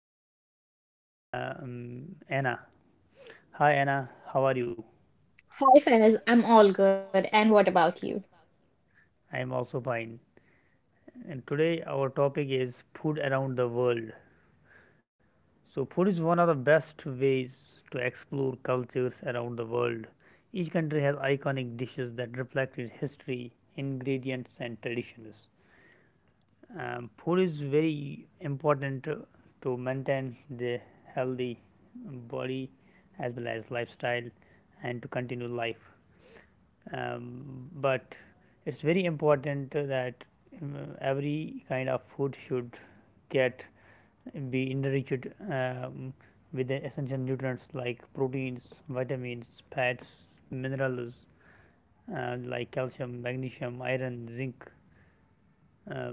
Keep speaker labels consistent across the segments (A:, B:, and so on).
A: guest, uh, um, Anna. Hi Anna, how are you?
B: Hi Faiz, I'm all good. And what about you?
A: I am also fine. And today, our topic is food around the world. So, food is one of the best ways to explore cultures around the world. Each country has iconic dishes that reflect its history, ingredients, and traditions. Food is very important to maintain the healthy body as well as lifestyle, and to continue life, um, but it's very important that um, every kind of food should get be enriched with the essential nutrients like proteins, vitamins, fats, minerals, like calcium, magnesium, iron, zinc. um,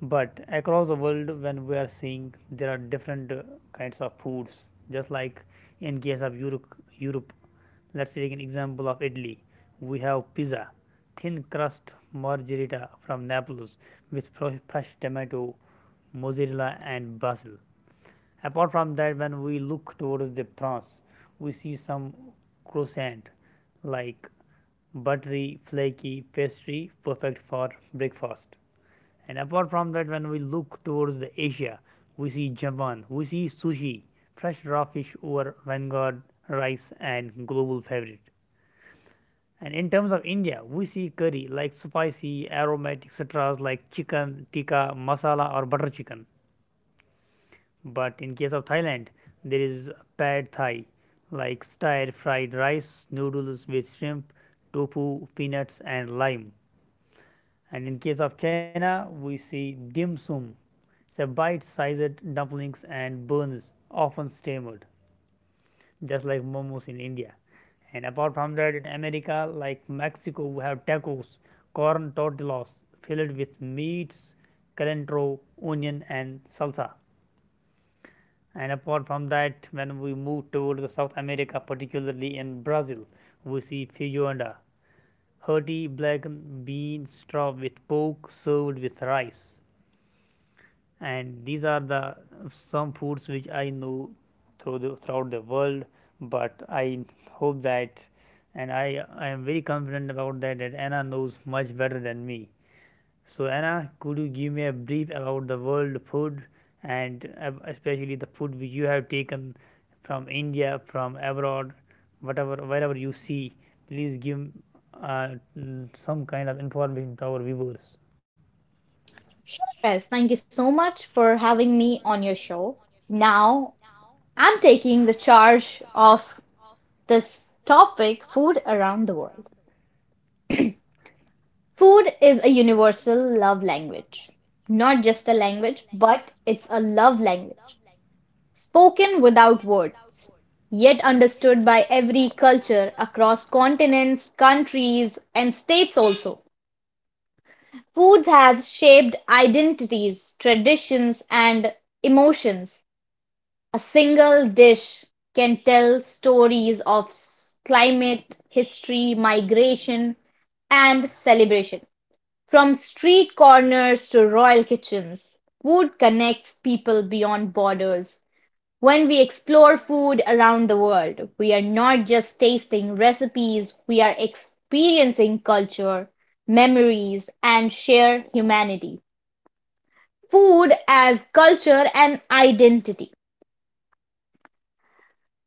A: but across the world, when we are seeing, there are different kinds of foods, just like in case of Europe. Let's take an example of Italy. We have pizza, thin crust margherita from Naples with fresh tomato, mozzarella, and basil. Apart from that, when we look towards the France, we see some croissant, like buttery flaky pastry, perfect for breakfast. And apart from that, when we look towards the Asia, we see Japan, we see sushi, fresh raw fish over vanguard rice and global favorite. And in terms of India, we see curry like spicy, aromatic citras like chicken, tikka, masala or butter chicken. But in case of Thailand, there is pad thai, like stir fried rice, noodles with shrimp, tofu, peanuts, and lime. And in case of China, we see dim sum. So, bite sized dumplings and buns, often steamed, just like momos in India. And apart from that, in America, like Mexico, we have tacos, corn tortillas filled with meats, cilantro, onion, and salsa. And apart from that, when we move towards the South America, particularly in Brazil, we see feijoada, hearty black bean straw with pork served with rice. And these are the some foods which I know throughout the world. But I hope that, and I am very confident about that, that Anna knows much better than me. So Anna, could you give me a brief about the world food, and especially the food which you have taken from India, from abroad, whatever wherever you see, please give uh, some kind of information to our viewers.
B: Sure, Faiz, thank you so much for having me on your show. Now, I'm taking the charge of this topic, food around the world. Food is a universal love language. Not just a language, but it's a love language. Spoken without words, yet understood by every culture across continents, countries, and states also. Food has shaped identities, traditions, and emotions. A single dish can tell stories of climate, history, migration, and celebration. From street corners to royal kitchens, food connects people beyond borders. When we explore food around the world, we are not just tasting recipes, we are experiencing culture, memories, and shared humanity food as culture and identity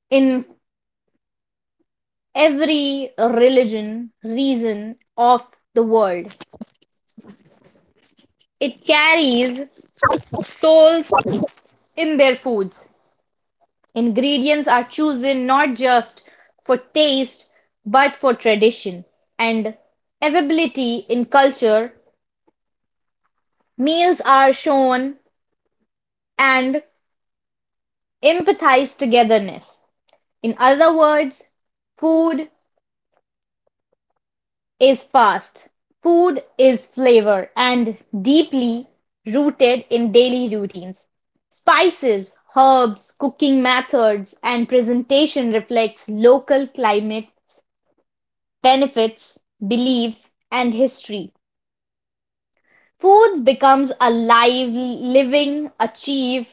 B: in every religion reason of the world. It carries souls in their foods. Ingredients are chosen not just for taste but for tradition and availability in culture. Meals are shown and empathize togetherness. In other words, food is fast, food is flavor and deeply rooted in daily routines. Spices, herbs, cooking methods, and presentation reflects local climate, benefits, beliefs, and history. Foods becomes alive, living, achieve,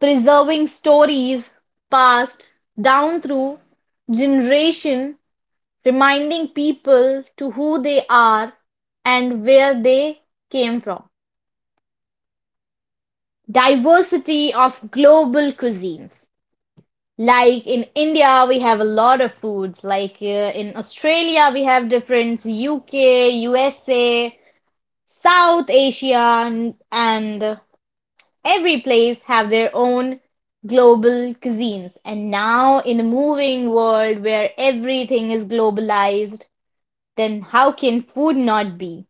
B: preserving stories passed down through generation reminding people to who they are and where they came from. Diversity of global cuisines. Like in India, we have a lot of foods. Like in Australia, we have different UK, USA, South Asia, and every place have their own global cuisines. And now, in a moving world where everything is globalized, then how can food not be?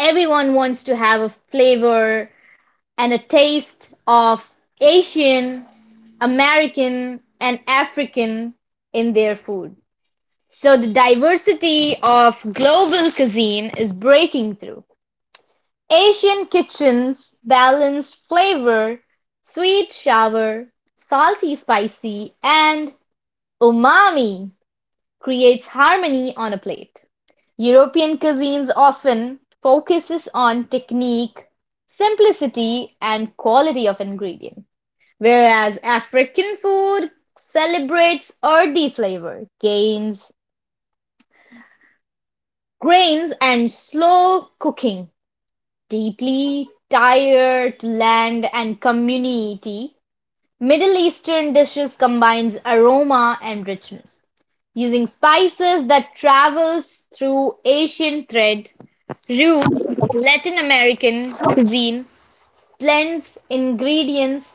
B: Everyone wants to have a flavor and a taste of Asian, American, and African in their food. So the diversity of global cuisine is breaking through. Asian kitchens balance flavor, sweet, sour, salty, spicy, and umami creates harmony on a plate. European cuisines often focuses on technique, simplicity, and quality of ingredient, whereas African food celebrates earthy flavor, grains, and slow cooking. Deeply tied to land and community, Middle Eastern dishes combines aroma and richness, using spices that travels through Asian thread. Root, Latin American cuisine blends ingredients,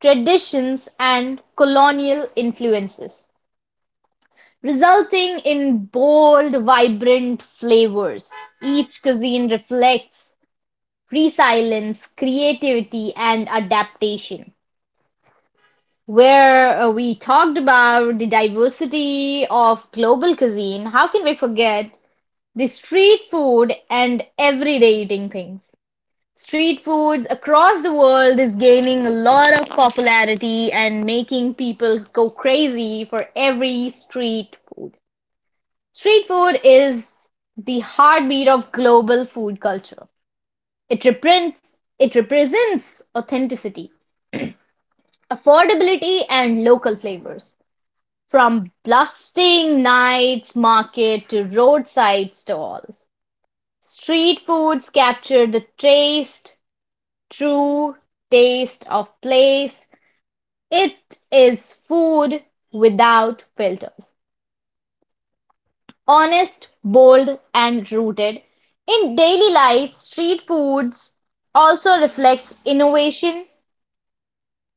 B: traditions, and colonial influences, resulting in bold, vibrant flavors. Each cuisine reflects resilience, creativity, and adaptation. Where we talked about the diversity of global cuisine, how can we forget the street food and everyday eating things? Street foods across the world is gaining a lot of popularity and making people go crazy for every street food. Street food is the heartbeat of global food culture. It represents it represents authenticity, affordability and local flavors. From bustling night market to roadside stalls, street foods capture the taste, true taste of place. It is food without filters. Honest, bold, and rooted. In daily life, street foods also reflects innovation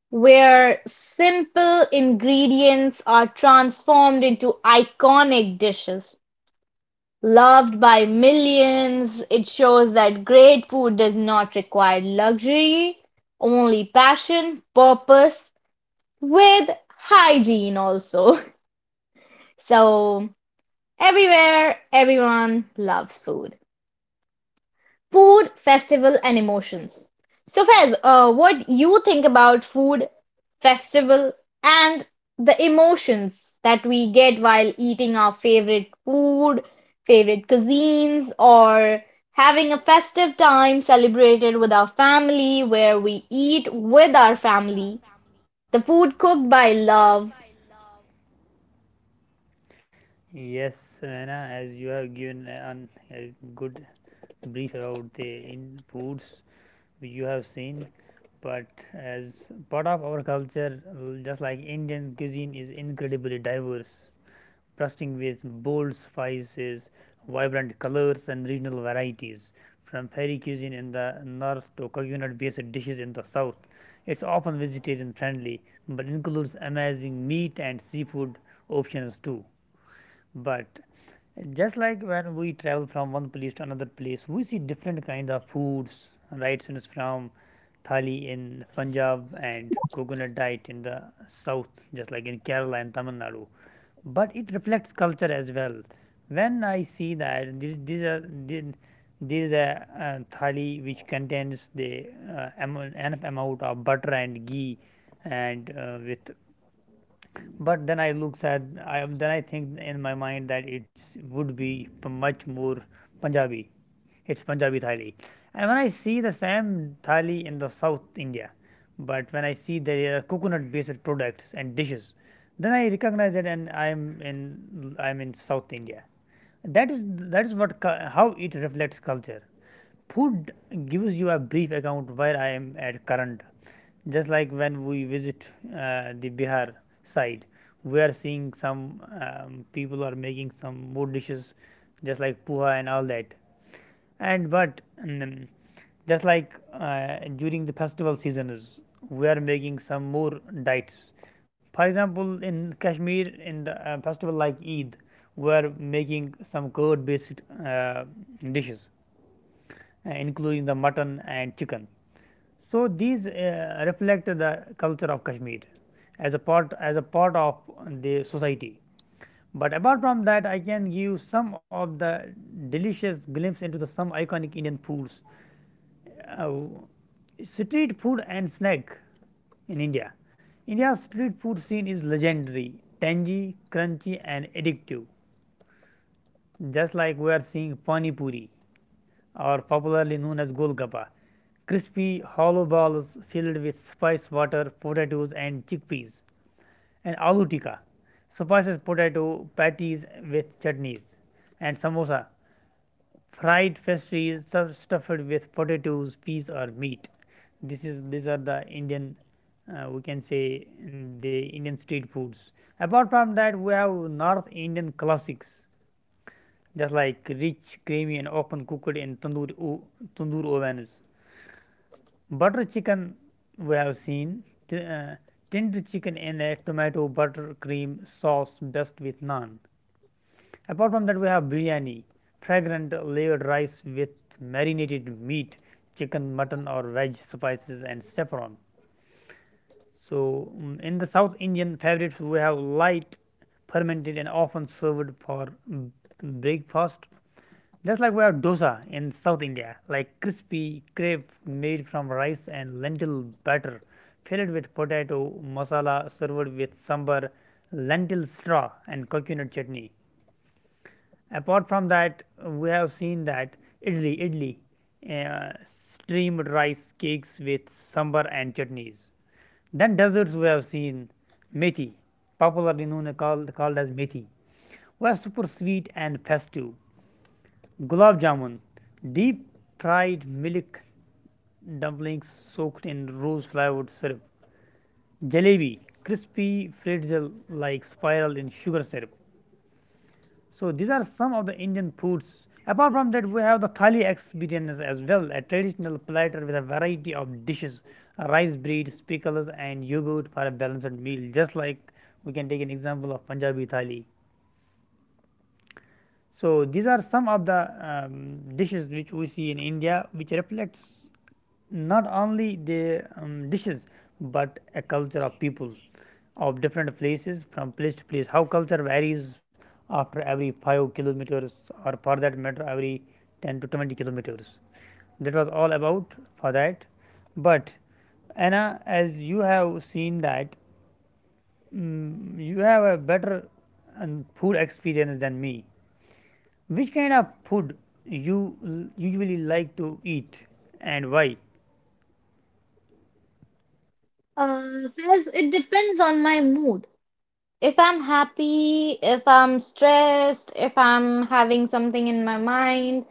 B: where simple ingredients are transformed into iconic dishes. Loved by millions, it shows that great food does not require luxury, only passion, purpose, with hygiene also. So, everywhere, everyone loves food. Food, festival, and emotions. So, Fez, what you think about food, festival, and the emotions that we get while eating our favorite food, favorite cuisines, or having a festive time celebrated with our family, where we eat with our family, the food cooked by love.
A: Yes, Savannah, as you have given a good brief about the in foods which you have seen, but as part of our culture, just like Indian cuisine is incredibly diverse, bursting with bold spices, vibrant colors, and regional varieties. From fairy cuisine in the north to coconut based dishes in the south, it's often vegetarian friendly but includes amazing meat and seafood options too. But just like when we travel from one place to another place, we see different kinds of foods, right, since from thali in Punjab and coconut diet in the south, just like in Kerala and Tamil Nadu. But it reflects culture as well. When I see that this, these are thi- there is a thali which contains the enough amount of butter and ghee, and with, but then I looks at, I am, then I think in my mind that it would be much more Punjabi. It's Punjabi thali, and when I see the same thali in the South India, but when I see the coconut-based products and dishes, then I recognize that, and I'm in South India. That is what, how it reflects culture. Food gives you a brief account where I am at current, just like when we visit the Bihar side. We are seeing some, people are making some more dishes, just like puha and all that. And but mm, just like during the festival seasons, we are making some more diets. For example, in Kashmir, in the festival like Eid, we are making some curd-based uh, dishes, including the mutton and chicken. So, these reflect the culture of Kashmir, as a part of the society. But apart from that, I can give some of the delicious glimpse into the some iconic Indian foods. Uh, Street food and snack in India. India's street food scene is legendary, tangy, crunchy, and addictive. Just like we are seeing pani puri, or popularly known as golgappa, crispy hollow balls filled with spice water, potatoes, and chickpeas, and aloo tikka, spices potato patties with chutneys, and samosa, fried pastries stuffed with potatoes, peas, or meat. This is These are the Indian, we can say the Indian street foods. Apart from that, we have North Indian classics, just like rich, creamy, and often cooked in tandoor ovens. Butter chicken, we have seen t- uh, tender chicken in a tomato butter cream sauce best with naan. Apart from that, we have biryani, fragrant layered rice with marinated meat, chicken, mutton, or veg spices and saffron. So, in the South Indian favorites, we have light, fermented, and often served for breakfast. Just like we have dosa in South India, like crispy crepe made from rice and lentil batter, filled with potato masala, served with sambar, lentil straw, and coconut chutney. Apart from that, we have seen that idli, idli, uh, steamed rice cakes with sambar and chutneys. Then desserts, we have seen methi, popularly known and called as methi. We super sweet and festive. Gulab jamun, deep fried milk dumplings soaked in rose flavored syrup. Jalebi, crispy pretzel like spiral in sugar syrup. So, these are some of the Indian foods. Apart from that, we have the Thali experience as well, a traditional platter with a variety of dishes, rice, bread, pickles, and yogurt for a balanced meal. Just like we can take an example of Punjabi Thali. So these are some of the dishes which we see in India, which reflects not only the dishes but a culture of people of different places from place to place. How culture varies after every 5 kilometers, or for that matter every 10 to 20 kilometers. That was all about for that. But Anna, as you have seen that, you have a better food experience than me, which kind of food you usually like to eat, and why?
B: Fez, it depends on my mood. If I'm happy, if I'm stressed, if I'm having something in my mind,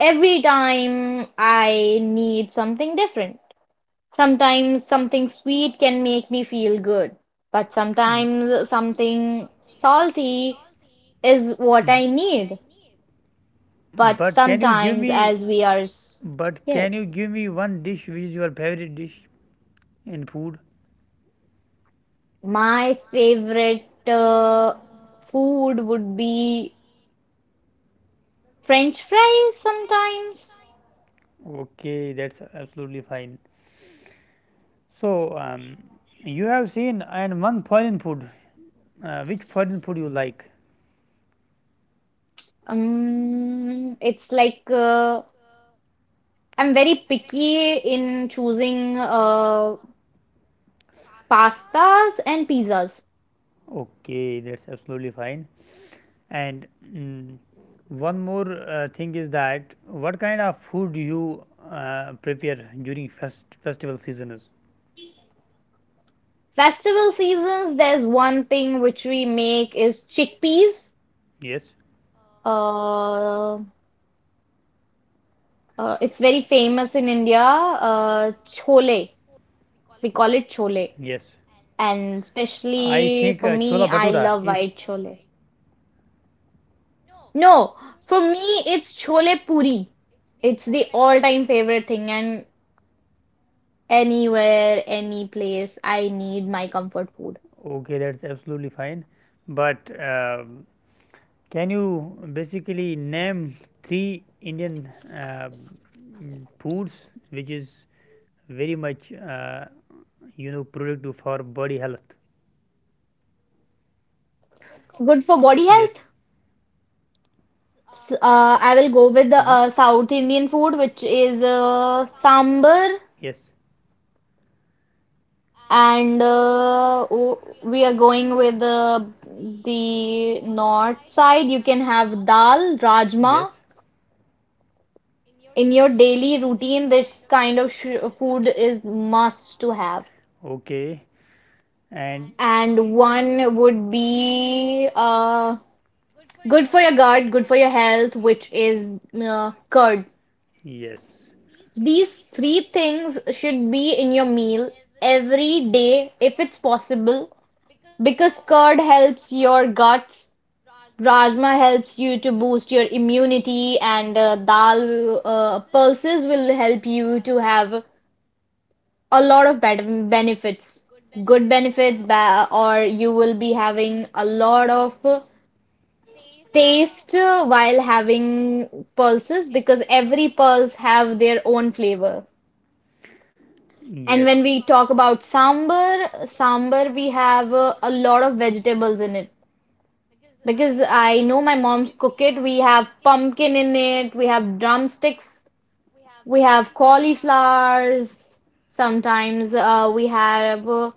B: every time I need something different. Sometimes something sweet can make me feel good, but
A: B-
B: sometimes something salty is what
A: b-
B: I need. But
A: But can you give
B: sometimes,
A: me,
B: as we are, s- yes,
A: one dish which is your favorite dish in food?
B: my favorite food would be French fries sometimes.
A: Okay, that's absolutely fine. So, you have seen and one foreign food. Which foreign food you like?
B: It's like I'm very picky in choosing pastas and pizzas.
A: Okay, that's absolutely fine. And mm, one more thing is that, what kind of food you prepare during festival season is?
B: Festival seasons, there's one thing which we make is chickpeas.
A: Yes,
B: Uh, it's very famous in India. Chole, we call it chole,
A: yes.
B: and
A: I
B: especially
A: think
B: for me,
A: chola
B: I
A: bhatura
B: love
A: is
B: white chole. No, for me, it's chole puri. It's the all-time favorite thing, and anywhere, any place, I need my comfort food.
A: okay. That's absolutely fine. But can you basically name three Indian foods which is very much, productive for body health?
B: Good for body
A: Yes.
B: health. I will go with the
A: No.
B: South Indian food, which is sambar,
A: Yes.
B: and we are going with the north side. You can have dal,
A: Yes.
B: rajma. In your daily routine, this kind of sh food is must to have.
A: Okay. And
B: And one would be good for your gut, good for your health, which is curd.
A: we, yes.
B: These three things should be in your meal every day if it's possible because curd helps your guts, rajma helps you to boost your immunity, and dal pulses will help you to have a lot of bad benefits, good benefits, or you will be having a lot of taste while having pulses because every pulse have their own flavor. And
A: Yes.
B: when we talk about sambar, sambar we have a lot of vegetables in it because I know my mom's cook it. We have pumpkin in it, we have drumsticks, we have cauliflowers. Sometimes we have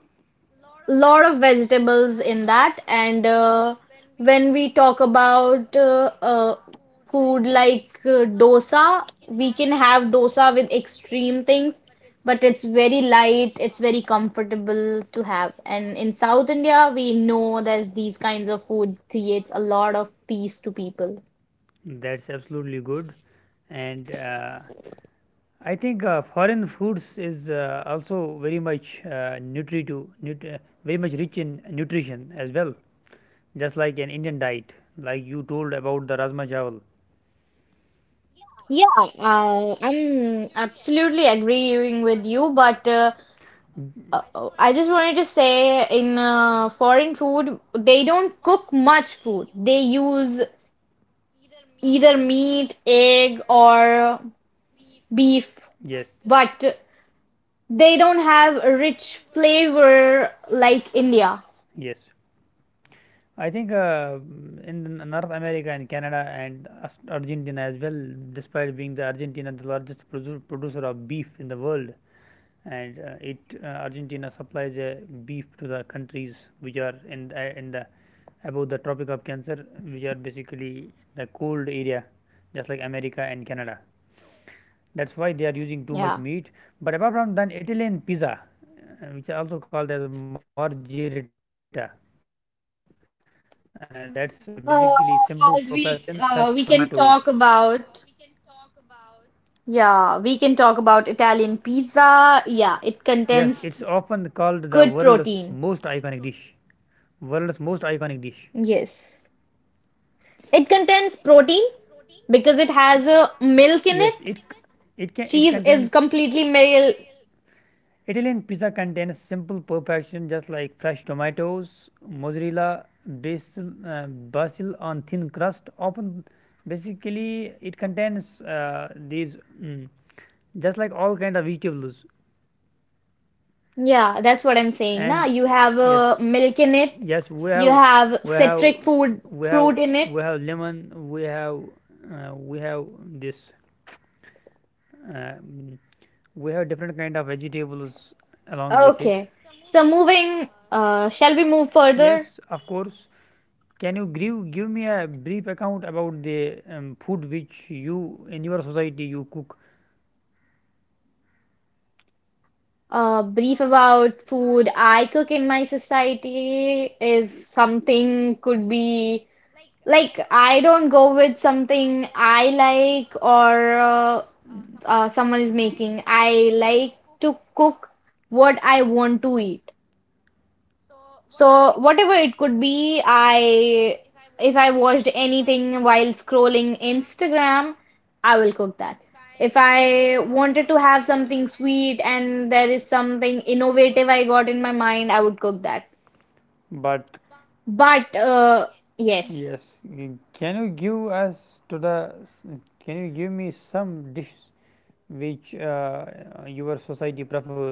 B: lot of vegetables in that and when we talk about food like dosa we can have dosa with extreme things but it's very light, it's very comfortable to have, and in South India we know that these kinds of food creates a lot of peace to people.
A: That's absolutely good. And I think foreign foods is also very much very much rich in nutrition as well. Just like an Indian diet, like you told about the rajma chawal.
B: Yeah, I'm absolutely agreeing with you but
A: Mm.
B: I just wanted to say in foreign food, they don't cook much food. They use either meat, egg, or beef,
A: Yes.
B: but they don't have a rich flavor like India.
A: But yes. I think, in the North America and Canada and Argentina as well, despite being the Argentina the largest producer of beef in the world. And it Argentina supplies beef to the countries which are in the above the Tropic of Cancer, which are basically the cold area, just like America and Canada. That's why they are using too much
B: Yeah.
A: meat. But apart from that, Italian pizza, which are also called as margherita, that's basically simple perfection, fresh
B: Uh,
A: tomatoes.
B: as we can talk about, yeah, we can talk about Italian
A: Yes, it's
B: pizza. Yeah,
A: often
B: it
A: called the
B: contains
A: world's most iconic
B: good
A: dish.
B: protein.
A: world's most iconic dish
B: Yes. It contains protein because it has a
A: yes,
B: milk
A: it
B: in it,
A: it? it can it contains.
B: cheese is completely milk.
A: Italian pizza contains simple perfection, just like fresh tomatoes, mozzarella, basil, uh, basil on thin crust. Often, basically, it contains these, mm, just like all kind of vegetables.
B: Yeah, that's what I'm saying. Na,
A: And
B: you have
A: yes,
B: milk
A: it,
B: in it.
A: yes,
B: You have
A: we have fruit,
B: citric food
A: we in have
B: fruit in it.
A: in, we have lemon, we have, we have this, uh, mm, we have different kind of vegetables along with it.
B: Okay. So moving, shall we move
A: Yes,
B: further?
A: of course. Can you give me a brief account about the food which you in your society you cook?
B: Brief about food I cook in my society is something could be like I don't go with something I like or someone is making. I like to cook what I want to eat. So whatever it could be, I, if I watched anything while scrolling Instagram, I will cook that. If I wanted to have something sweet and there is something innovative I got in my mind, I would cook that.
A: But
B: But yes,
A: yes. Can you give us to the? s- Can you give me some dish which your society prefers?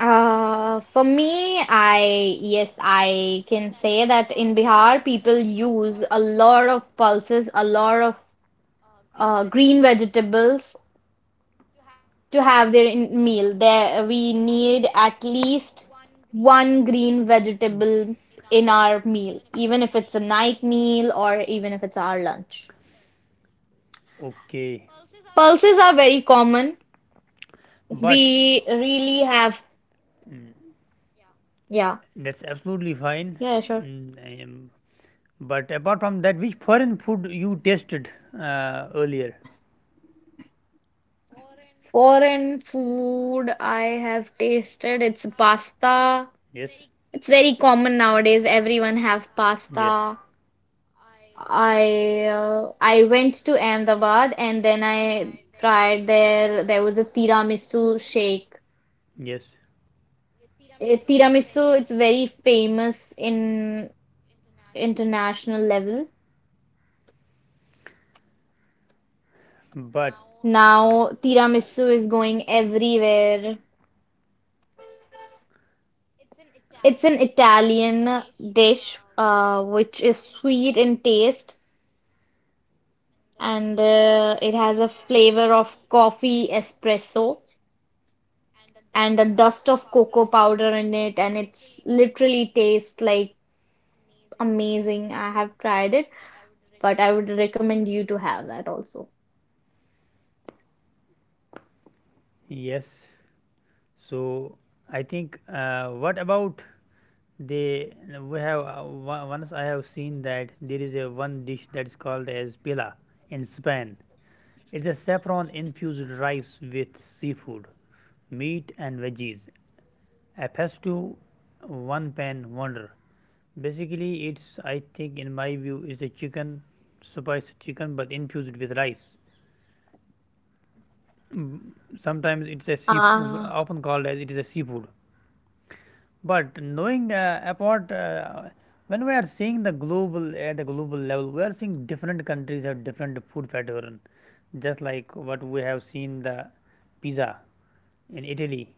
B: for me, I, yes, I can say that in Bihar, people use a lot of pulses, a lot of green vegetables. To have their meal there we need at least one green vegetable in our meal, even if it's a night meal or even if it's our lunch.
A: Okay.
B: Pulses are very common.
A: But
B: We really have,
A: Mm,
B: yeah,
A: that's absolutely fine.
B: yeah, yeah, sure.
A: Mm, um, but apart from that, which foreign food you tasted earlier?
B: Foreign food I have tasted, it's pasta.
A: Yes.
B: It's very common nowadays. Everyone have
A: Very, yes,
B: pasta. I went to Ahmedabad and then I tried there. There was a tiramisu shake.
A: yes.
B: Eh, tiramisu, it's very famous in international level.
A: But
B: Now tiramisu is going everywhere. It's an Italian dish, which is sweet in taste and it has a flavor of coffee espresso and a dust of cocoa powder in it, and it's literally tastes like amazing. I have tried it, but I would recommend you to have that also.
A: yes. So I think. What about, They we have on- once I have seen that there is a one dish that is called as pila in Spain. It's a saffron infused rice with seafood, meat, and veggies. A pesto, one pan wonder. Basically, it's, I think in my view it's a chicken, spiced chicken but infused with rice. Mm, Sometimes it's a sea,
B: Ah,
A: often called as it is a seafood. But knowing about when we are seeing the global at the global level, we are seeing different countries have different food pattern. Just like what we have seen the pizza in Italy,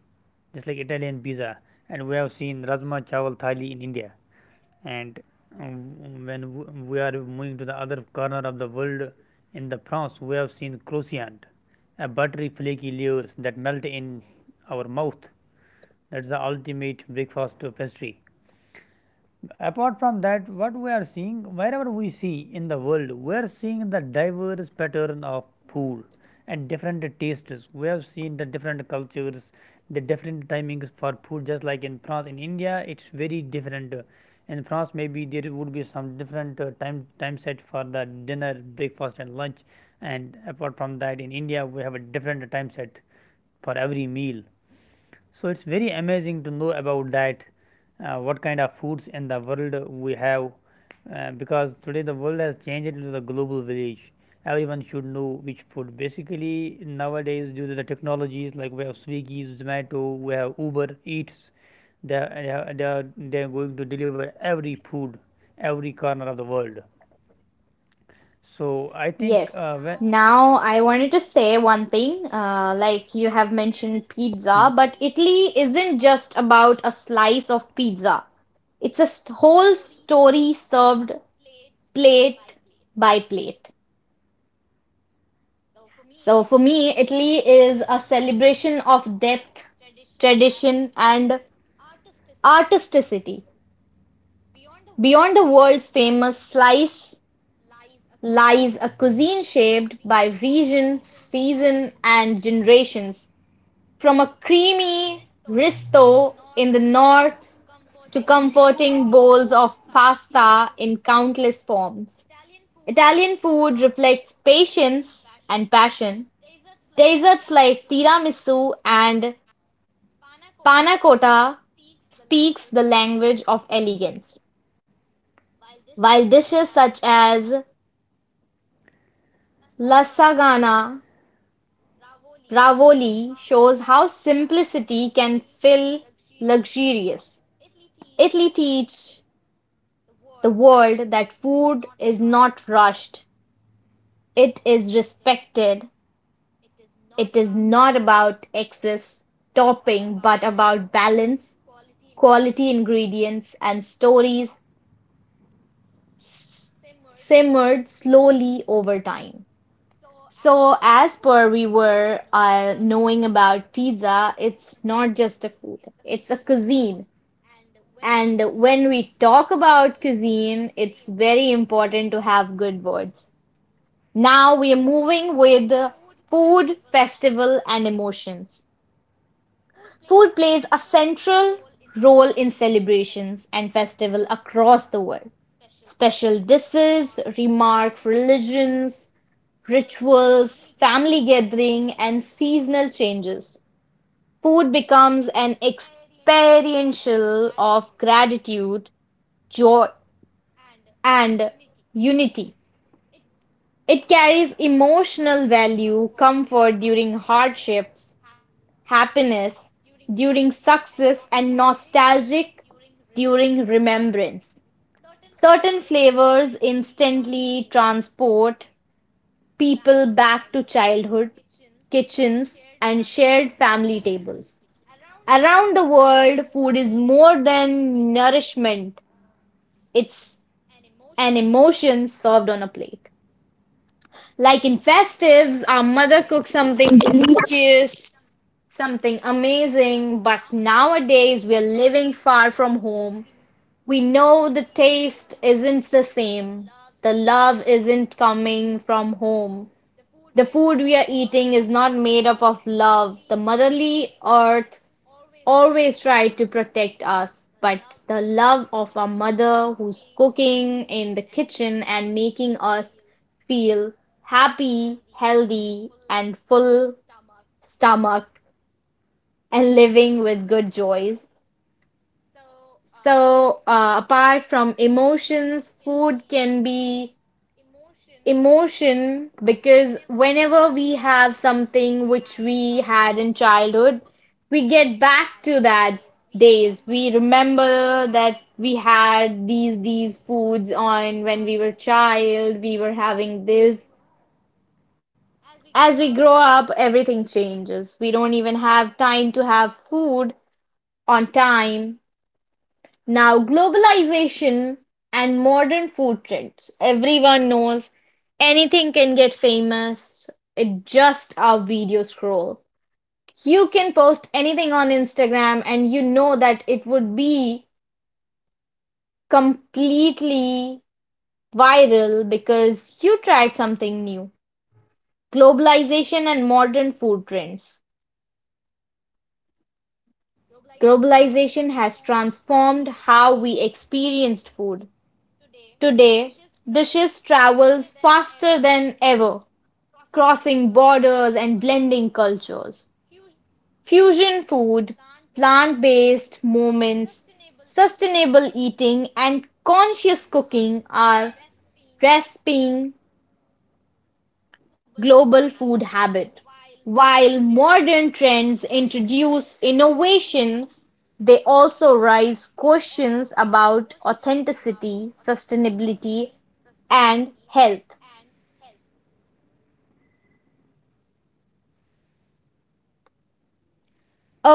A: just like Italian pizza, and we have seen rajma chawal thali in India. And um, when we are moving to the other corner of the world, in the France, we have seen croissant, a buttery flaky layers that melt in our mouth. That's the ultimate breakfast pastry. Apart from that, what we are seeing, wherever we see in the world, we are seeing the diverse pattern of food and different tastes. We have seen the different cultures, the different timings for food. Just like in France, in India, it's very different. In France, maybe there would be some different time set for the dinner, breakfast and lunch, and apart from that, in India we have a different time set for every meal. So it's very amazing to know about that, what kind of foods in the world we have, because today the world has changed into the global village. Everyone should know which food, basically, nowadays, due to the technologies, like we have Swiggy, Zomato, we have Uber Eats, they are, they are going to deliver every food every corner of the world. So I think
B: yes.
A: when
B: Now I wanted to say one thing, like you have mentioned pizza, but Italy isn't just about a slice of pizza. It's a whole story served plate by plate. So for me, Italy is a celebration of depth, tradition, and artisticity. Beyond the world's famous slice lies a cuisine shaped by region, season, and generations, from a creamy risotto in the north to comforting bowls of pasta in countless forms. Italian food reflects patience and passion. Desserts like tiramisu and panna cotta speaks the language of elegance, while dishes such as lasagna Rivoli shows how simplicity can feel luxurious. Italy teaches the world that food is not rushed, it is respected, it is not about excess topping but about balance, quality ingredients and stories simmered slowly over time. So, as per we were knowing about pizza, it's not just a food, it's a cuisine. And when we talk about cuisine, it's very important to have good words. Now we are moving with food, festival, and emotions. Food plays a central role in celebrations and festival across the world. Special dishes, remark, religions, rituals, family gathering, and seasonal changes. Food becomes an experiential of gratitude, joy, and unity. It carries emotional value, comfort during hardships, happiness during success, and nostalgic during remembrance. Certain flavors instantly transport people back to childhood, kitchens, and shared family tables. Around the world, food is more than nourishment, it's an emotion served on a plate. Like in festives, our mother cooks something delicious, something amazing, but nowadays we're living far from home. We know the taste isn't the same. The love isn't coming from home. The food we are eating is not made up of love. The motherly earth always tried to protect us, but the love of our mother who's cooking in the kitchen and making us feel happy, healthy, and full stomach and living with good joys. Apart from emotions, food can be emotion, because whenever we have something which we had in childhood, we get back to that days. We remember that we had these foods on when we were child, we were having this. As we grow up, everything changes. We don't even have time to have food on time. Now globalization and modern food trends. Everyone knows anything can get famous. It's just our video scroll. You can post anything on Instagram and you know that it would be completely viral because you tried something new. Globalization and modern food trends. Globalization has transformed how we experienced food. Today, dishes travels faster than ever, crossing borders and blending cultures. Fusion food, plant-based moments, sustainable eating, and conscious cooking are reshaping global food habit. While modern trends introduce innovation, they also raise questions about authenticity, sustainability, and health.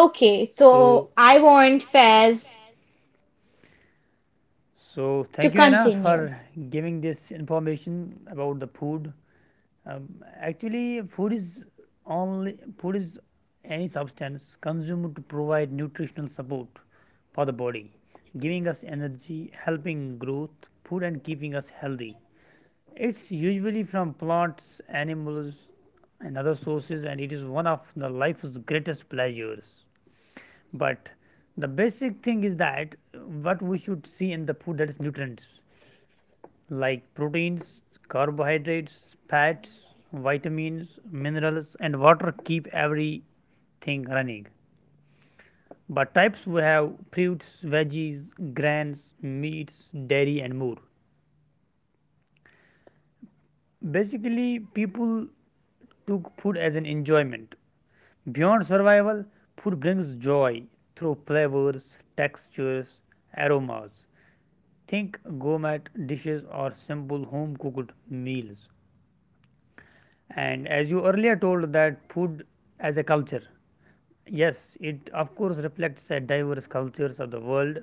A: so,
B: so I want Fez
A: so thank you, Anna,
B: to
A: for
B: continue.
A: giving this information about the food. Um, Actually, only food is any substance consumed to provide nutritional support for the body, giving us energy, helping growth, food, and keeping us healthy. It's usually from plants, animals, and other sources, and it is one of the life's greatest pleasures. But the basic thing is that what we should see in the food, that is nutrients like proteins, carbohydrates, fats, vitamins, minerals, and water keep everything running. But types, we have fruits, veggies, grains, meats, dairy, and more. Basically, people took food as an enjoyment. Beyond survival, food brings joy through flavors, textures, aromas. Think gourmet dishes or simple home cooked meals. And as you earlier told that food as a culture, yes, it of course reflects the diverse cultures of the world.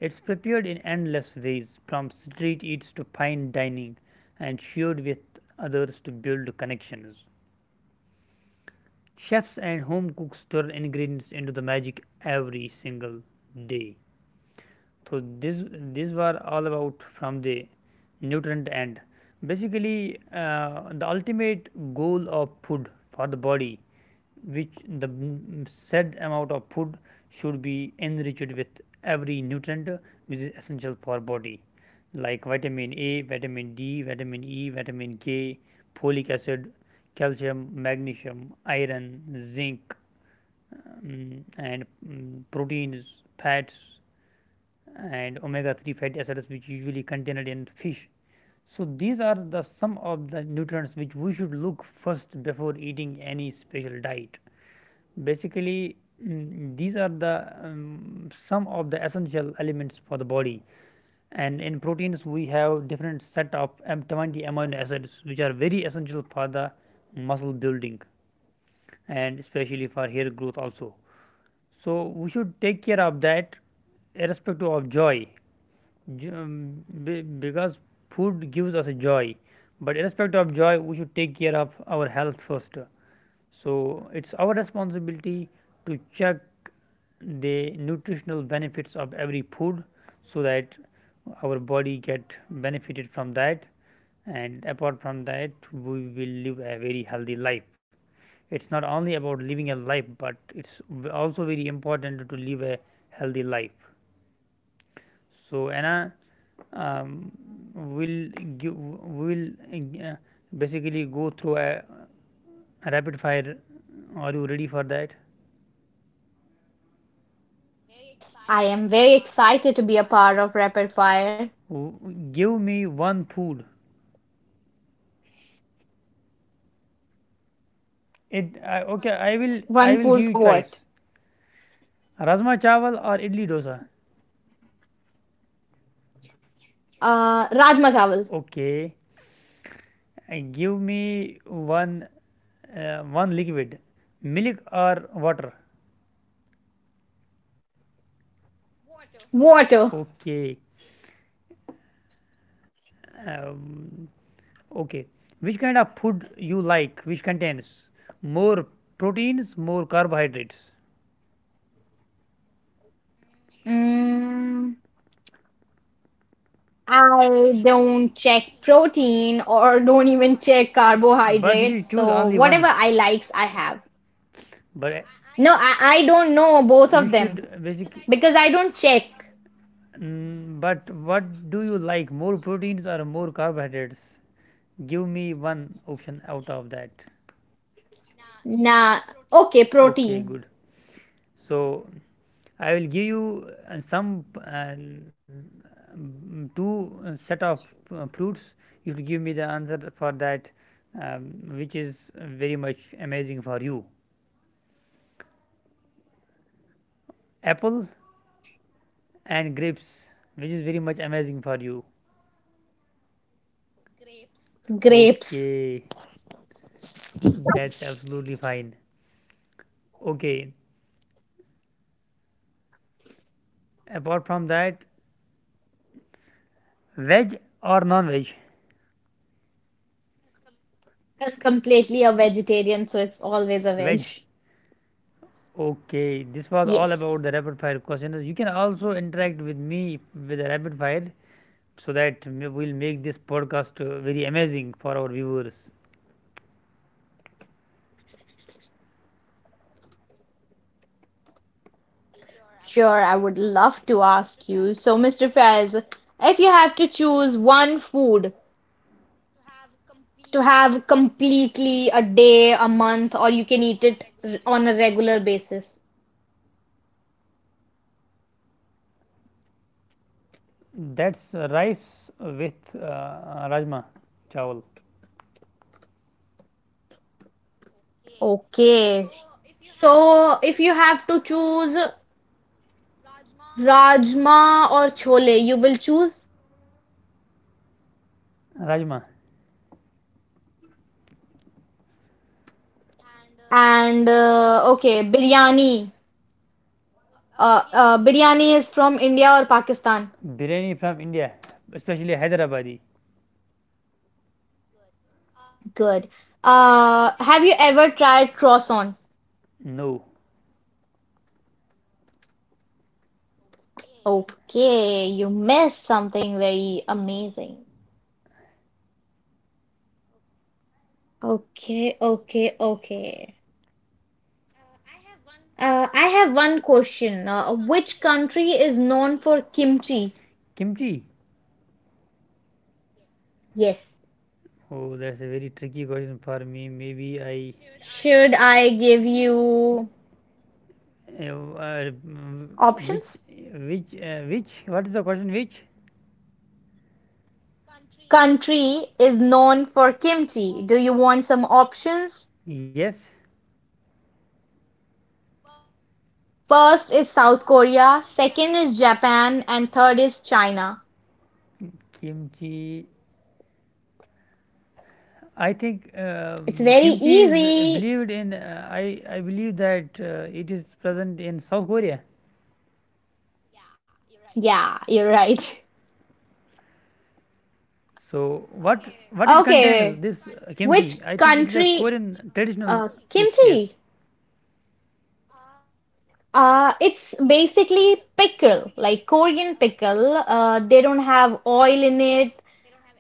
A: It's prepared in endless ways, from street eats to fine dining, and shared with others to build connections. Chefs and home cooks turn ingredients into the magic every single day. So this these were all about from the nutrient end. Basically, the ultimate goal of food for the body, which the said amount of food should be enriched with every nutrient which is essential for body, like vitamin A, vitamin D, vitamin E, vitamin K, folic acid, calcium, magnesium, iron, zinc, and proteins, fats, and omega 3 fatty acids which usually contained in fish. So, these are the some of the nutrients which we should look first before eating any special diet. Basically, these are the some of the essential elements for the body. And in proteins, we have different set of 20 amino acids which are very essential for the muscle building and especially for hair growth also. So we should take care of that irrespective of joy. Because food gives us a joy, but irrespective of joy we should take care of our health first. So it's our responsibility to check the nutritional benefits of every food so that our body get benefited from that, and apart from that we will live a very healthy life. It's not only about living a life, but it's also very important to live a healthy life. So Anna, um, will give will uh, basically go through a rapid fire. Are you ready for that?
B: Yes, I am very excited to be a part of Rapid Fire.
A: W- Give me one food. It I Okay. I will
B: One
A: I will give
B: food
A: you
B: for what?
A: choice. Rajma chawal or idli dosa?
B: Rajma chawal.
A: Okay. Give me one liquid, milk or water?
B: Water.
A: Okay. Um, okay. Which kind of food you like? Which contains more proteins, more carbohydrates?
B: Mm, I don't check protein or don't even check
A: But you
B: carbohydrates.
A: should choose
B: So
A: only
B: whatever
A: one.
B: I likes, I have.
A: But
B: No, I don't know both
A: you
B: of them
A: should basically.
B: because I don't check.
A: But what do you like, more proteins or more carbohydrates? Give me one option out of that.
B: Nah, okay,
A: Okay,
B: protein.
A: good. So I will give you two set of fruits. You should give me the answer for that, um, which is very much amazing for you.
B: Sure.
A: Apple and grapes, which is very much amazing for you?
B: Grapes.
A: Okay, that's absolutely fine. Okay, apart from that, veg or non veg?
B: I'm completely a vegetarian, so it's always a veg.
A: Veg. Okay, this was all about
B: Yes,
A: the rapid fire questions. You can also interact with me with the rapid fire so that we'll make this podcast very amazing for our viewers.
B: sure. I would love to ask you. So, Mr. Faiz, if you have to choose one food to have completely a day, a month, or you can eat it on a regular basis.
A: That's rice with rajma, chawal,
B: Okay. So, if you have to choose rajma or chole, you will choose.
A: rajma,
B: And okay, biryani. Biryani is from India or Pakistan?
A: biryani from India, especially Hyderabadi.
B: Good. Have you ever tried croissant?
A: No,
B: Okay, you missed something very amazing. Okay, okay, okay. I have one question. Which country is known for kimchi?
A: kimchi.
B: Yes.
A: Oh, that's a very tricky question for me. Maybe I
B: Should I give you
A: give you mm, which
B: options?
A: which What is the question which
B: Country is known for kimchi. Do you want some options?
A: yes
B: First is South Korea, second is Japan, and third is China.
A: kimchi? I think
B: It's very
A: kimchi is
B: easy.
A: believed in, I believe that it is present in South Korea.
B: Yeah, you're right.
A: So what it contains,
B: Okay,
A: this kimchi?
B: which
A: I think it is a
B: country?
A: Korean traditional dish, yes,
B: Kimchi. It's basically pickle, like Korean pickle. They don't have oil in it.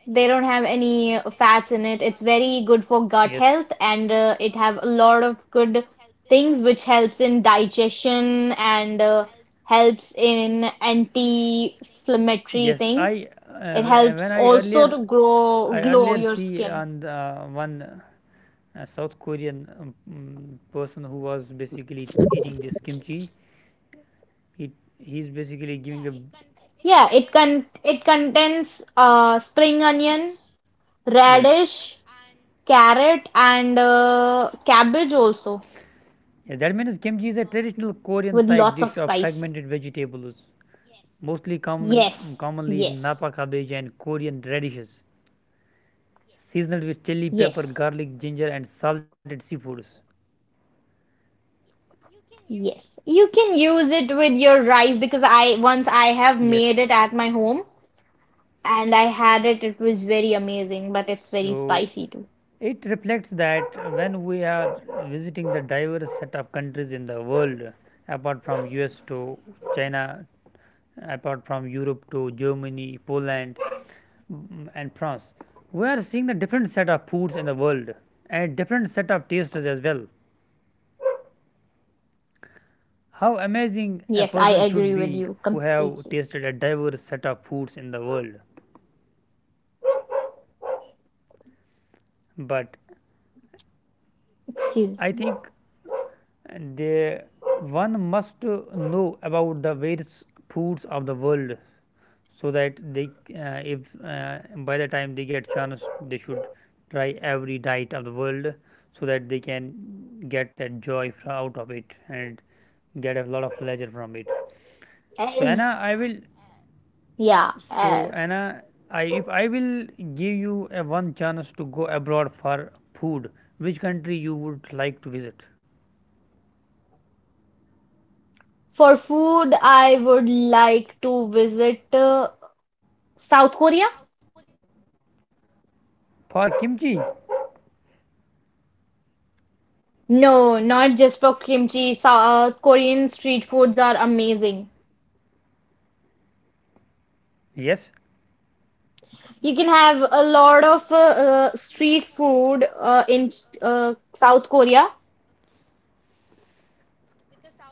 B: They don't have any fats in it. It's very good for gut
A: yes.
B: health, and it have a lot of good things which helps in digestion and helps in anti-inflammatory
A: Yes,
B: things.
A: I
B: It
A: uh,
B: helps
A: when
B: also to grow
A: I
B: glow
A: earlier
B: your
A: see
B: skin.
A: on the one South Korean person who was basically eating this kimchi. He he's basically giving a
B: Yeah, it contains spring onion,
A: yes.
B: radish, carrot, and cabbage also
A: Yeah, that means kimchi is a traditional Korean
B: with
A: side
B: lots
A: dish
B: of
A: of
B: spice.
A: fragmented vegetables, mostly
B: Yes,
A: commonly
B: yes,
A: napa cabbage and Korean radishes, seasoned with chili pepper,
B: yes,
A: garlic, ginger, and salted seafoods.
B: yes. You can use it with your rice because I have
A: Yes,
B: made it at my home and I had it. It was very amazing, but it's very
A: so
B: spicy too.
A: it reflects that when we are visiting the diverse set of countries in the world, apart from US to China, apart from Europe to Germany, Poland, and France, we are seeing the different set of foods in the world and different set of tastes as well. How amazing a
B: Yes, I
A: person
B: agree
A: should
B: with
A: be
B: you
A: who have
B: completely.
A: tasted a diverse set of foods in the world. But
B: Excuse
A: I
B: me.
A: think they one must know about the various foods of the world so that they, if by the time they get chance they should try every diet of the world so that they can get a joy out of it and get a lot of pleasure from it. So Anna,
B: As
A: I will
B: yeah,
A: so
B: uh,
A: anna I if I will give you a one chance to go abroad for food, which country you would like to visit?
B: For food, I would like to visit South Korea.
A: For kimchi?
B: No, not just for kimchi. South Korean street foods are amazing.
A: Yes,
B: You can have a lot of street food in South Korea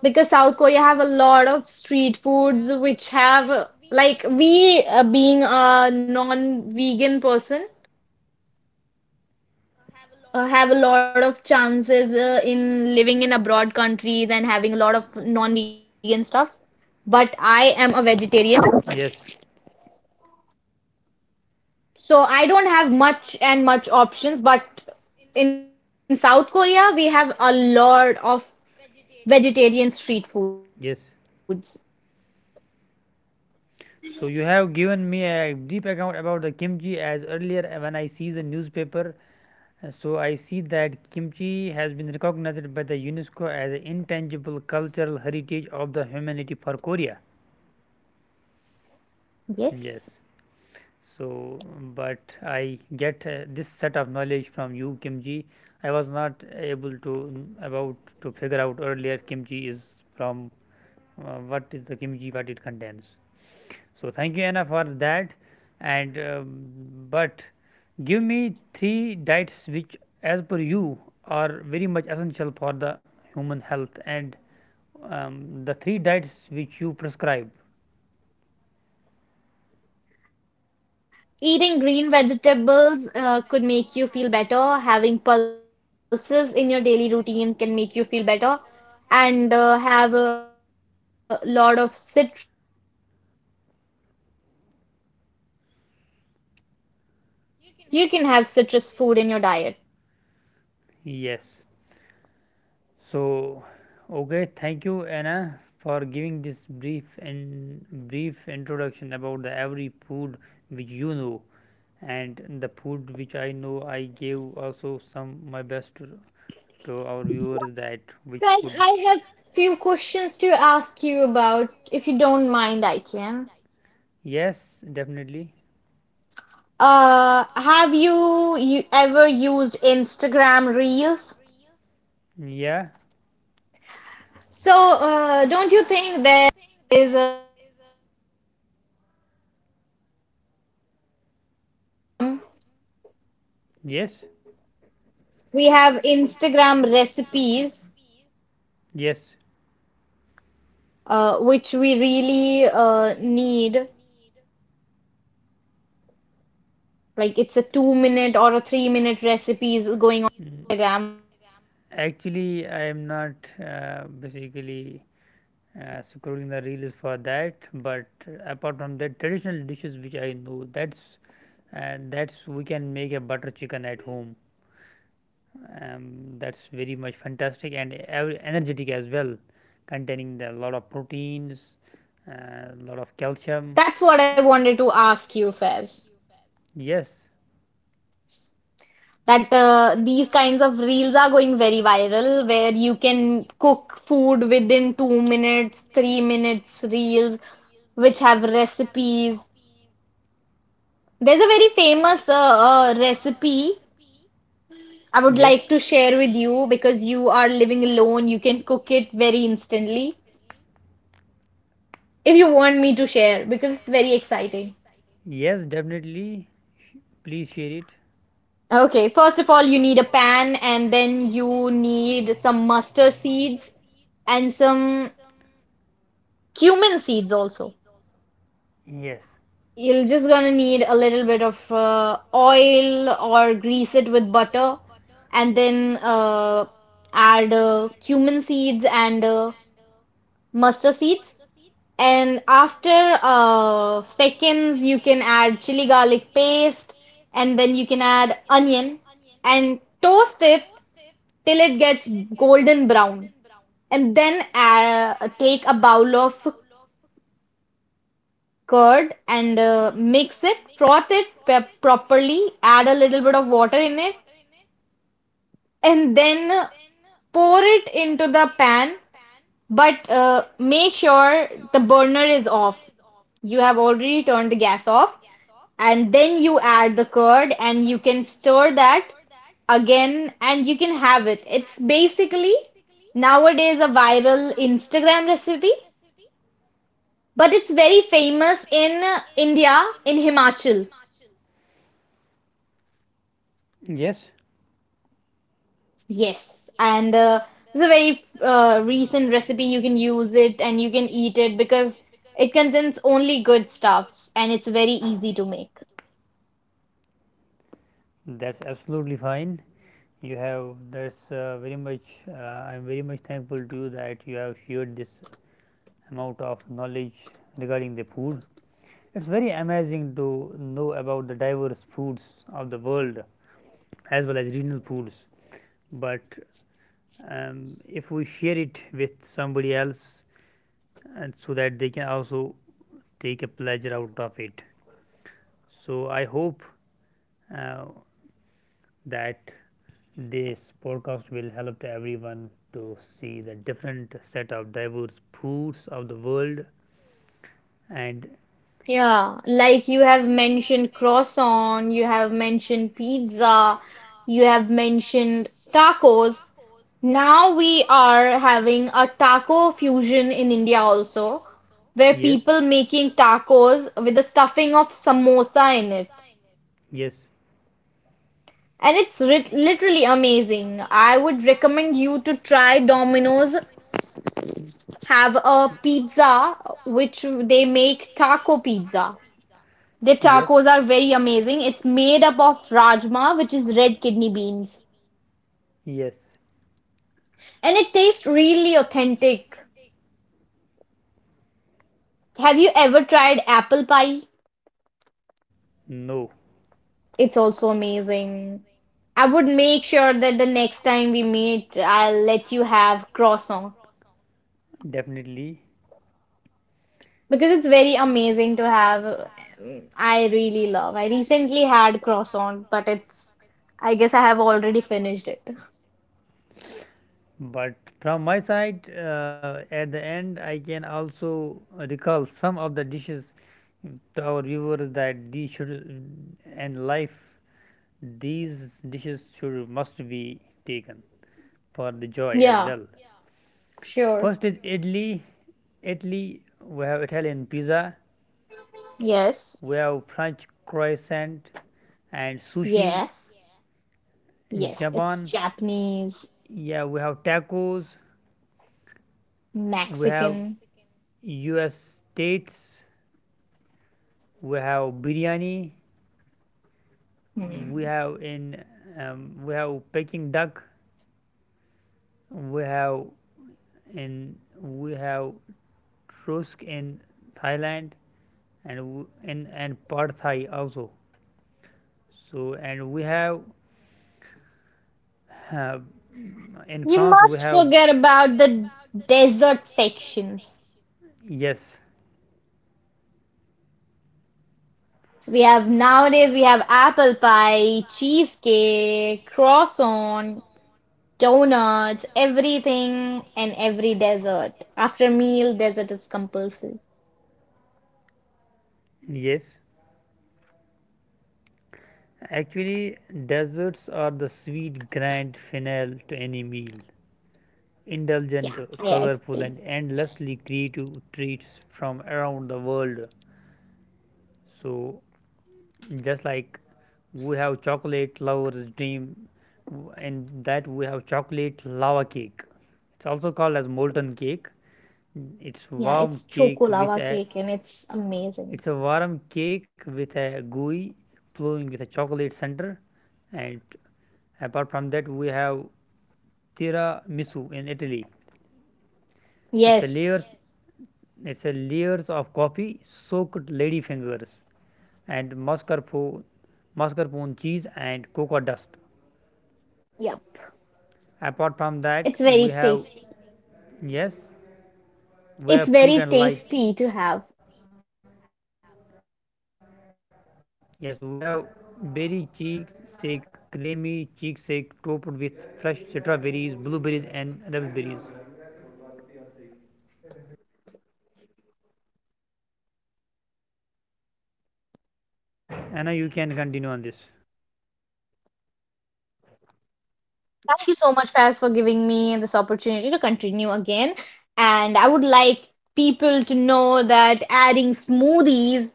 B: because South Korea have a lot of street foods which have like we being a non-vegan person, have a lot of chances in living in abroad countries and having a lot of non-vegan stuffs. But I am a
A: yes,
B: vegetarian, so I don't have much and much options. But in South Korea, we have a lot of vegetarian street
A: yes,
B: foods.
A: So you have given me a brief account about the kimchi. As earlier when I see the newspaper, so I see that kimchi has been recognized by the UNESCO as an intangible cultural heritage of the humanity for Korea. Yes.
B: Yes.
A: So, but I get this set of knowledge from you, kimchi. I was not able to about to figure out earlier kimchi is from, what is the kimchi, what it contains. So thank you, Anna, for that. And but give me three diets which, as per you, are very much essential for the human health and, um, the three diets which you prescribe.
B: Eating green vegetables could make you feel better. Having pulses in your daily routine can make you feel better. And have a lot of cit.
C: You can have citrus food in your diet.
A: Yes. So okay, thank you, Anna, for giving this brief and brief introduction about the every food which you know, and the food which I know I gave also some my best to our viewers that which
C: So I,
A: food.
C: I have few questions to ask you about, if you don't mind, I can.
A: Yes, definitely.
C: Have you ever used Instagram Reels?
A: Yeah.
C: So don't you think there is a
A: Yes.
B: We have Instagram recipes,
A: Yes.
B: which we really need. Like it's a 2 minute or a 3 minute recipes going on
A: Mm.
B: Instagram.
A: Actually, I am not basically scrolling the reels for that. But apart from that, traditional dishes which I know, that's we can make a butter chicken at home. Um, that's very much fantastic and energetic as well, containing a lot of proteins, a lot of calcium.
D: That's what I wanted to ask you, Faiz.
A: Yes.
D: That these kinds of reels are going very viral, where you can cook food within 2 minutes, 3 minutes reels, which have recipes. There's a very famous recipe I would
A: Yes.
D: like to share with you because you are living alone. You can cook it very instantly. If you want me to share, because it's very exciting.
A: Yes, definitely. Sh- Please share it.
D: Okay, first of all, you need a pan and then you need some mustard seeds and some cumin seeds also.
A: Yes,
D: You're just gonna need a little bit of oil or grease it with butter and then add cumin seeds and mustard seeds. And after seconds, you can add chili garlic paste and then you can add onion and toast it till it gets golden brown, and then take a bowl of curd and mix it, froth it properly, add a little bit of water in it, and then pour it into the pan. But make sure the burner is off. You have already turned the gas off, and then you add the curd and you can stir that again and you can have it. It's basically nowadays a viral Instagram recipe. But it's very famous in India, in Himachal.
A: yes,
D: Yes. And it's a very recent recipe. You can use it and you can eat it because it contains only good stuffs and it's very easy to make.
A: that's absolutely fine. You have That's very much. I'm very much thankful to you that you have shared this amount of knowledge regarding the food. It's very amazing to know about the diverse foods of the world as well as regional foods. But if we share it with somebody else, and so that they can also take a pleasure out of it. So I hope uh, that this podcast will help to everyone to see the different set of diverse foods of the world and
D: Yeah. Like you have mentioned croissant, you have mentioned pizza, you have mentioned tacos. Now we are having a taco fusion in India also, where
A: yes,
D: people making tacos with the stuffing of samosa in it.
A: yes,
D: And it's rit literally amazing. I would recommend you to try Domino's, have a pizza which they make taco pizza. Their
A: yes,
D: tacos are very amazing. It's made up of rajma, which is red kidney beans,
A: yes,
D: and it tastes really authentic. Have you ever tried apple pie?
A: no,
D: It's also amazing. I would make sure that the next time we meet, I'll let you have croissant
A: definitely.
D: because it's very amazing to have. I really love. I recently had croissant, but I guess I have already finished it.
A: But from my side, at the end, I can also recall some of the dishes to our viewers that these should and life these dishes should must be taken for the joy as
D: Yeah,
A: well.
D: sure.
A: First is idli. Italy, we have Italian pizza,
D: Yes,
A: we have French croissant and sushi.
D: yes,
A: In
D: yes. It's
A: Japan,
D: Japanese,
A: yeah, we have tacos. We have
D: Mexican.
A: U.S. states, we have biryani, we
D: Hmm.
A: have in we have Peking duck, we have in, we have trusk in Thailand and w- in and pad thai also. So and we have uh, in
D: You
A: France we
D: must
A: have
D: forget about the desert sections.
A: yes,
D: So we have nowadays we have apple pie, cheesecake, croissant, donuts, everything and every dessert. After meal, dessert is compulsory.
A: yes. Actually, desserts are the sweet grand finale to any meal. Indulgent,
D: Yeah, yeah, I
A: colorful,
D: agree.
A: and endlessly creative treats from around the world. So, just like we have chocolate lover's dream, and that we have chocolate lava cake. It's also called as molten cake. It's
D: Yeah,
A: warm
D: it's
A: cake
D: choco
A: with
D: lava
A: a
D: cake and it's amazing.
A: it's a warm cake with a gooey flowing with a chocolate center, and apart from that, we have tiramisu in Italy. It's a
D: Yes,
A: layers It said layers of coffee, soaked lady fingers, and mascarpone cheese and cocoa dust.
D: yeah,
A: Apart from that,
D: it's
A: we
D: very
A: have
D: tasty.
A: yes, we
D: It's
A: have fruit
D: very
A: and light.
D: tasty to have.
A: Yes, we have berry cheesecake, creamy cheesecake topped with fresh strawberries, blueberries, and raspberries. Anna, you can continue on this.
D: Thank you so much, Faz, for giving me this opportunity to continue again. And I would like people to know that adding smoothies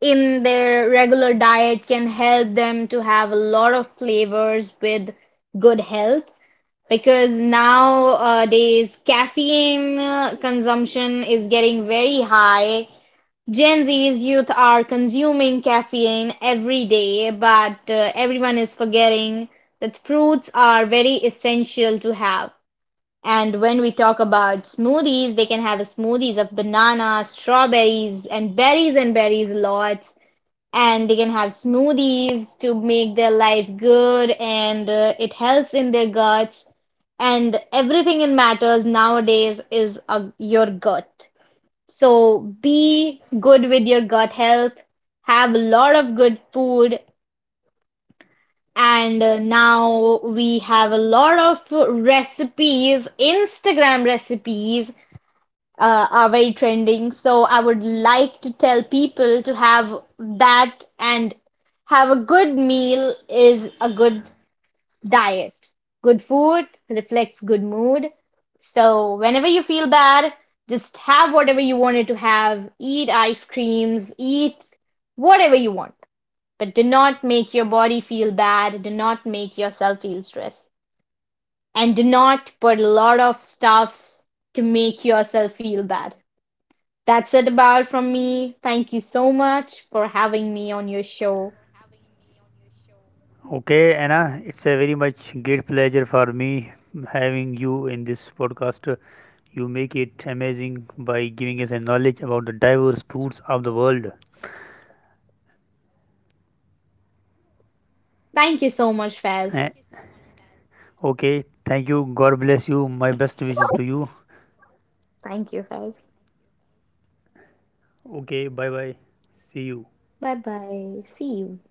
D: in their regular diet can help them to have a lot of flavors with good health. Because nowadays, caffeine consumption is getting very high, Gen Z's youth are consuming caffeine every day, but everyone is forgetting that fruits are very essential to have. And when we talk about smoothies, they can have smoothies of bananas, strawberries, and berries lots. And they can have smoothies to make their life good, and it helps in their guts. And everything that matters nowadays is your gut. So be good with your gut health, have a lot of good food, and now we have a lot of recipes, Instagram recipes are very trending. So I would like to tell people to have that and have a good meal is a good diet. Good food reflects good mood. So whenever you feel bad, just have whatever you wanted to have. Eat ice creams, eat whatever you want. But do not make your body feel bad. Do not make yourself feel stressed. And do not put a lot of stuffs to make yourself feel bad. That's it about from me. Thank you so much for having me on your show.
A: Okay, Anna, it's a very much great pleasure for me having you in this podcast. You make it amazing by giving us a knowledge about the diverse foods of the world.
D: Thank you so
A: Eh,
D: much, Faz.
A: okay, thank you. God bless you. My best wishes to you.
D: Thank you, Faz.
A: Okay, bye bye. See you.
D: Bye bye. See you.